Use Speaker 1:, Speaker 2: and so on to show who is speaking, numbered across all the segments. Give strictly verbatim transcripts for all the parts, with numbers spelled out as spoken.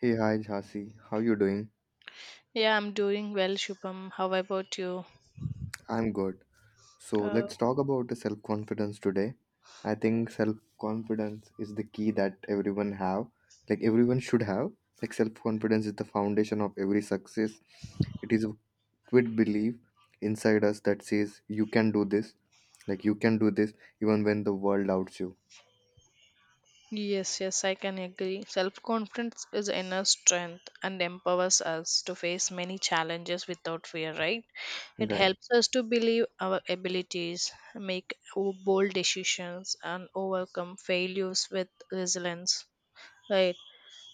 Speaker 1: Hey, hi, Jhansi. How you doing?
Speaker 2: Yeah, I'm doing well, Shubham. How about you?
Speaker 1: I'm good. So
Speaker 2: Uh,
Speaker 1: let's talk about the self-confidence today. I think self-confidence is the key that everyone have. Like everyone should have. Like self-confidence is the foundation of every success. It is a quit belief inside us that says you can do this. Like you can do this even when the world doubts you.
Speaker 2: yes, yes, I can agree. Self confidence is inner strength and empowers us to face many challenges without fear, right? It
Speaker 1: Right.
Speaker 2: helps us to believe our abilities, make o- bold decisions, and overcome failures with resilience, right?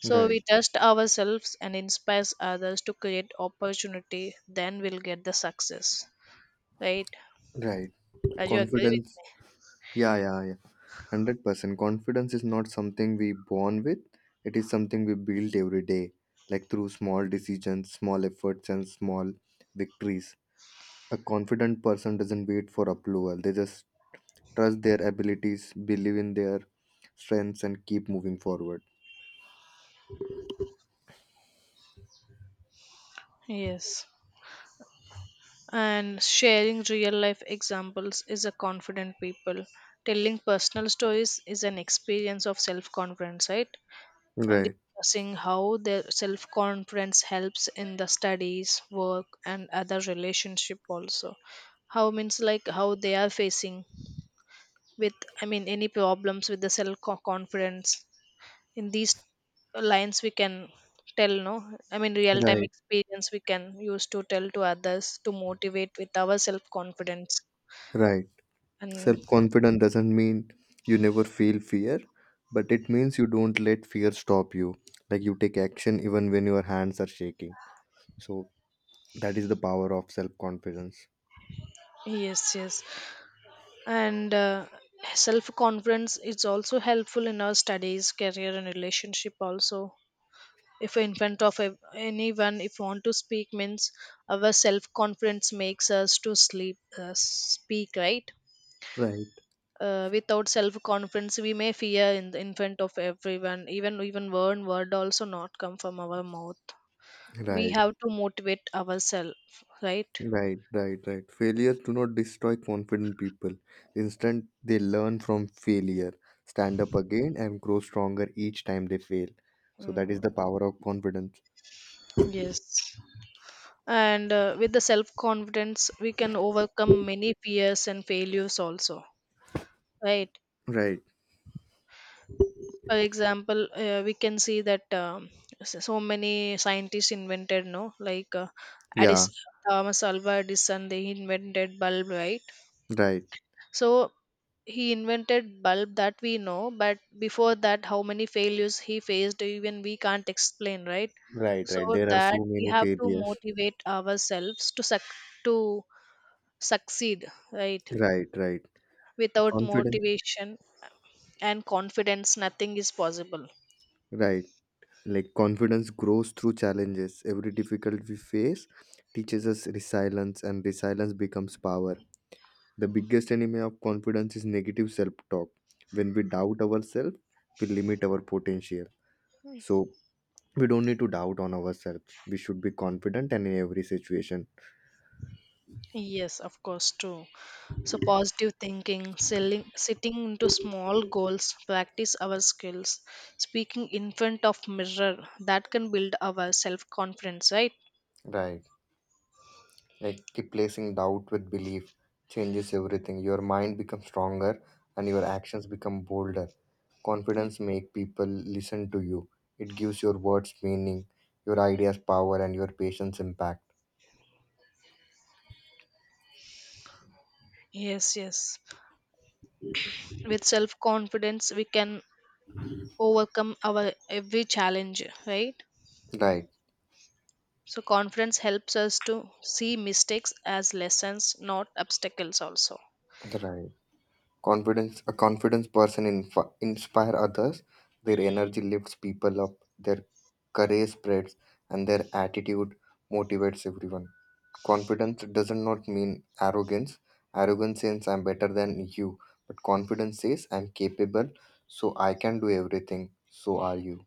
Speaker 2: So
Speaker 1: Right.
Speaker 2: we trust ourselves and inspires others to create opportunity, then we'll get the success, right?
Speaker 1: Right.
Speaker 2: Are you agree
Speaker 1: Confidence.
Speaker 2: with
Speaker 1: Yeah, yeah, yeah. one hundred percent confidence is not something we born with, it is something we build every day, like through small decisions, small efforts, and small victories. A confident person doesn't wait for approval, they just trust their abilities, believe in their strengths, and keep moving forward.
Speaker 2: me? Yes. And sharing real life examples is a confident people, telling personal stories is an experience of self confidence, right? And
Speaker 1: Right,
Speaker 2: discussing how their self confidence helps in the studies, work and other relationship also. How means, like how they are facing with, i mean any problems with the self confidence. In these lines we can tell, no, I mean real time
Speaker 1: right,
Speaker 2: experience we can use to tell to others to motivate with our self confidence.
Speaker 1: right.
Speaker 2: And
Speaker 1: Self confidence doesn't mean you never feel fear, but it means you don't let fear stop you. Like you take action even when your hands are shaking. So that is the power of self confidence.
Speaker 2: yes, yes. And uh, self confidence is also helpful in our studies, career and relationship also. If in front of ev- anyone if want to speak means, our self confidence makes us to sleep uh, speak, right?
Speaker 1: Right,
Speaker 2: Uh, without self confidence we may fear in, the, in front of everyone, even even one word also not come from our mouth. We
Speaker 1: right,
Speaker 2: have to motivate ourselves, right?
Speaker 1: right, right, right. Failures do not destroy confident people. Instead, they learn from failure, stand up again, and grow stronger each time they fail. So that is
Speaker 2: mm,
Speaker 1: the power of confidence.
Speaker 2: yes. And uh, with the self confidence we can overcome many fears and failures also, right?
Speaker 1: Right.
Speaker 2: For example, uh, we can see that, um, s- so many scientists invented, no, like, uh, Addis,
Speaker 1: Yeah.
Speaker 2: Thomas Alva Edison, they invented bulb, right?
Speaker 1: Right.
Speaker 2: So he invented bulb that we know, but before that, how many failures he faced, even we can't explain, right?
Speaker 1: Right.
Speaker 2: So
Speaker 1: Right. There are
Speaker 2: that
Speaker 1: so
Speaker 2: we
Speaker 1: many
Speaker 2: have to
Speaker 1: failures.
Speaker 2: motivate ourselves to suc- to succeed, right?
Speaker 1: Right. Right.
Speaker 2: Without
Speaker 1: Confidence.
Speaker 2: motivation and confidence, nothing is possible.
Speaker 1: Right. Like confidence grows through challenges. Every difficulty we face teaches us resilience, and resilience becomes power. The biggest enemy of confidence is negative self talk. When we doubt ourselves, we limit our potential. So, we don't need to doubt on ourselves. We should be confident and in every situation.
Speaker 2: Yes, of course, true. So, positive thinking, selling, sitting into small goals, practice our skills, speaking in front of mirror, that can build our self confidence, right?
Speaker 1: Right. Like replacing doubt with belief changes everything. Your mind becomes stronger and your actions become bolder. Confidence make people listen to you. It gives your words meaning, your ideas power, and your patience impact.
Speaker 2: Yes, yes. With self confidence, we can overcome our every challenge, right?
Speaker 1: Right.
Speaker 2: So, confidence helps us to see mistakes as lessons, not obstacles, also.
Speaker 1: Right. Confidence. A confidence person inf- inspire others. Their energy lifts people up. Their courage spreads, and their attitude motivates everyone. Confidence doesn't not mean arrogance. Arrogance says I'm better than you, but confidence says I'm capable, so I can do everything. So are you.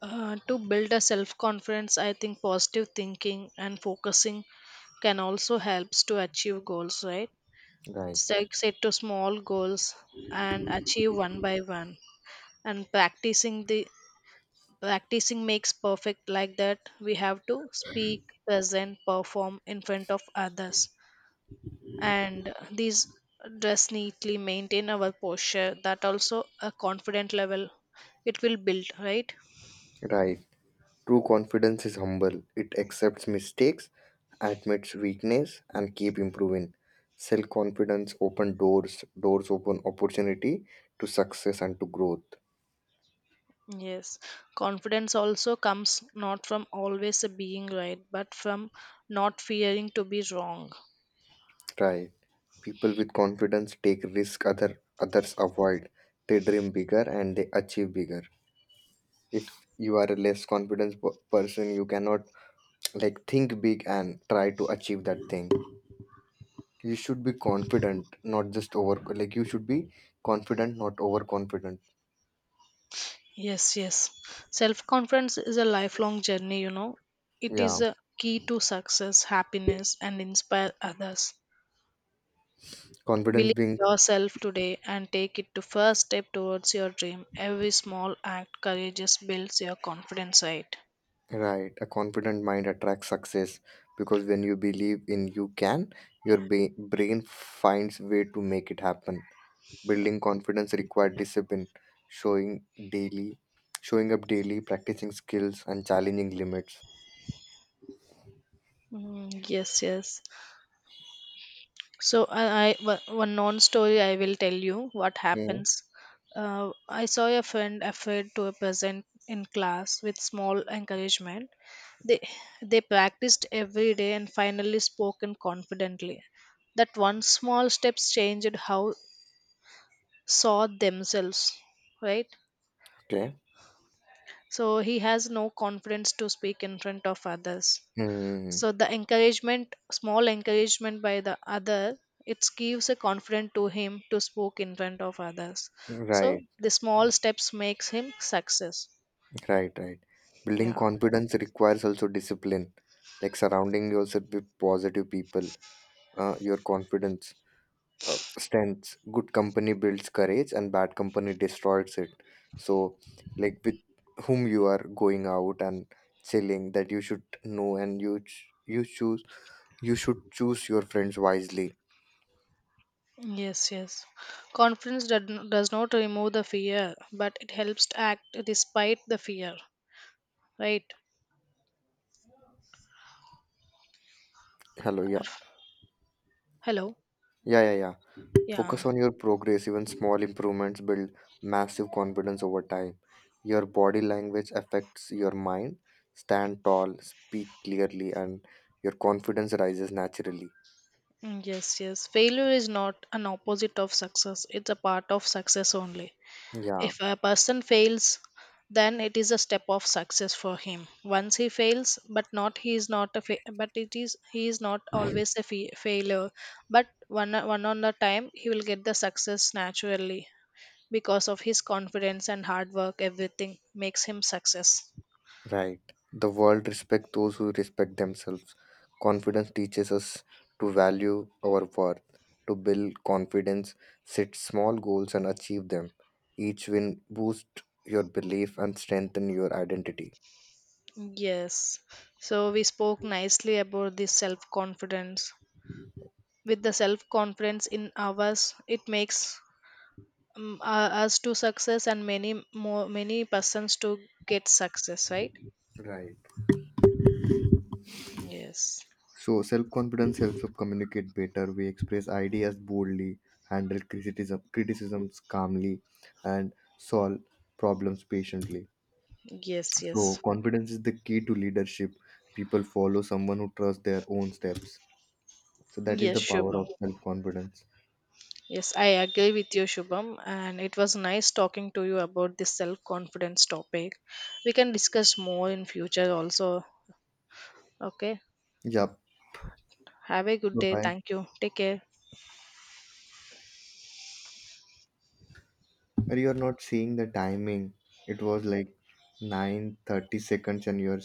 Speaker 2: Uh, to build a self confidence, I think positive thinking and focusing can also helps to achieve goals, right?
Speaker 1: Right.
Speaker 2: Set, set to small goals and achieve one by one. And practicing the practicing makes perfect like that. We have to speak, present, perform in front of others. And these, dress neatly, maintain our posture. That also a confident level it will build, right?
Speaker 1: Right. True confidence is humble. It accepts mistakes, admits weakness, and keep improving. Self confidence open doors. Doors open opportunity to success and to growth.
Speaker 2: Yes, confidence also comes not from always being right, but from not fearing to be wrong.
Speaker 1: Right. People with confidence take risk other others avoid. They dream bigger and they achieve bigger. If you are a less confident per- person, you cannot like think big and try to achieve that thing. You should be confident, not just over, like you should be confident, not overconfident.
Speaker 2: Yes, yes. Self confidence is a lifelong journey, you know. It is
Speaker 1: Yeah.
Speaker 2: a key to success, happiness, and inspire others.
Speaker 1: Confidence
Speaker 2: Believe
Speaker 1: brings
Speaker 2: yourself today and take it to first step towards your dream. Every small act courageous builds your confidence, right?
Speaker 1: right. A confident mind attracts success because when you believe in you can, your ba- brain finds way to make it happen. Building confidence requires discipline, showing daily, showing up daily, practicing skills, and challenging limits.
Speaker 2: Mm, yes, yes. So I, I one non-story I will tell you what
Speaker 1: Hmm.
Speaker 2: happens. Uh, I saw a friend afraid to present in class with small encouragement. They they practiced every day and finally spoken confidently. That one small steps changed how saw themselves, right?
Speaker 1: Okay.
Speaker 2: So he has no confidence to speak in front of others.
Speaker 1: Hmm.
Speaker 2: So the encouragement, small encouragement by the other, it gives a confidence to him to speak in front of others. So
Speaker 1: Right,
Speaker 2: the small steps makes him success.
Speaker 1: right, right. Building
Speaker 2: Yeah,
Speaker 1: confidence requires also discipline, like surrounding yourself with positive people. Uh, your confidence, uh, strengths good company, builds courage, and bad company destroys it. So, like, with whom you are going out and chilling, that you should know, and you ch- you choose you should choose your friends wisely.
Speaker 2: yes, yes. Confidence does n- does not remove the fear but it helps to act despite the fear, right?
Speaker 1: Hello. Yeah.
Speaker 2: Hello,
Speaker 1: Yeah, yeah, yeah.
Speaker 2: yeah.
Speaker 1: Focus on your progress. Even small improvements build massive confidence over time. Your body language affects your mind. Stand tall, speak clearly, and your confidence rises naturally.
Speaker 2: Mm, yes, yes, failure is not an opposite of success, it's a part of success only.
Speaker 1: Yeah.
Speaker 2: If a person fails, then it is a step of success for him. Once he fails, but not he is not a fa- but it is he is not always a fa- failure. But one one on the time he will get the success naturally because of his confidence and hard work. Everything makes him success.
Speaker 1: Right. The world respects those who respect themselves. Confidence teaches us to value our worth. To build confidence, set small goals and achieve them. Each win boosts your belief and strengthen your identity.
Speaker 2: Yes. So we spoke nicely about the self confidence. With the self confidence in ours, it makes um, uh, us to success and many more, many persons to get success, right?
Speaker 1: Right.
Speaker 2: Yes,
Speaker 1: So self-confidence helps us communicate better. We express ideas boldly, handle criticism criticisms calmly, and solve problems patiently.
Speaker 2: yes, yes.
Speaker 1: So confidence is the key to leadership. People follow someone who trusts their own steps. So that is
Speaker 2: Yes,
Speaker 1: the power
Speaker 2: Shubham,
Speaker 1: of self confidence.
Speaker 2: yes, I agree with you, Shubham, and it was nice talking to you about this self confidence topic. We can discuss more in future also, okay?
Speaker 1: Yep.
Speaker 2: Have a good day,
Speaker 1: Bye.
Speaker 2: thank you, take care.
Speaker 1: You are not seeing the timing. It was like nine thirty seconds, and you are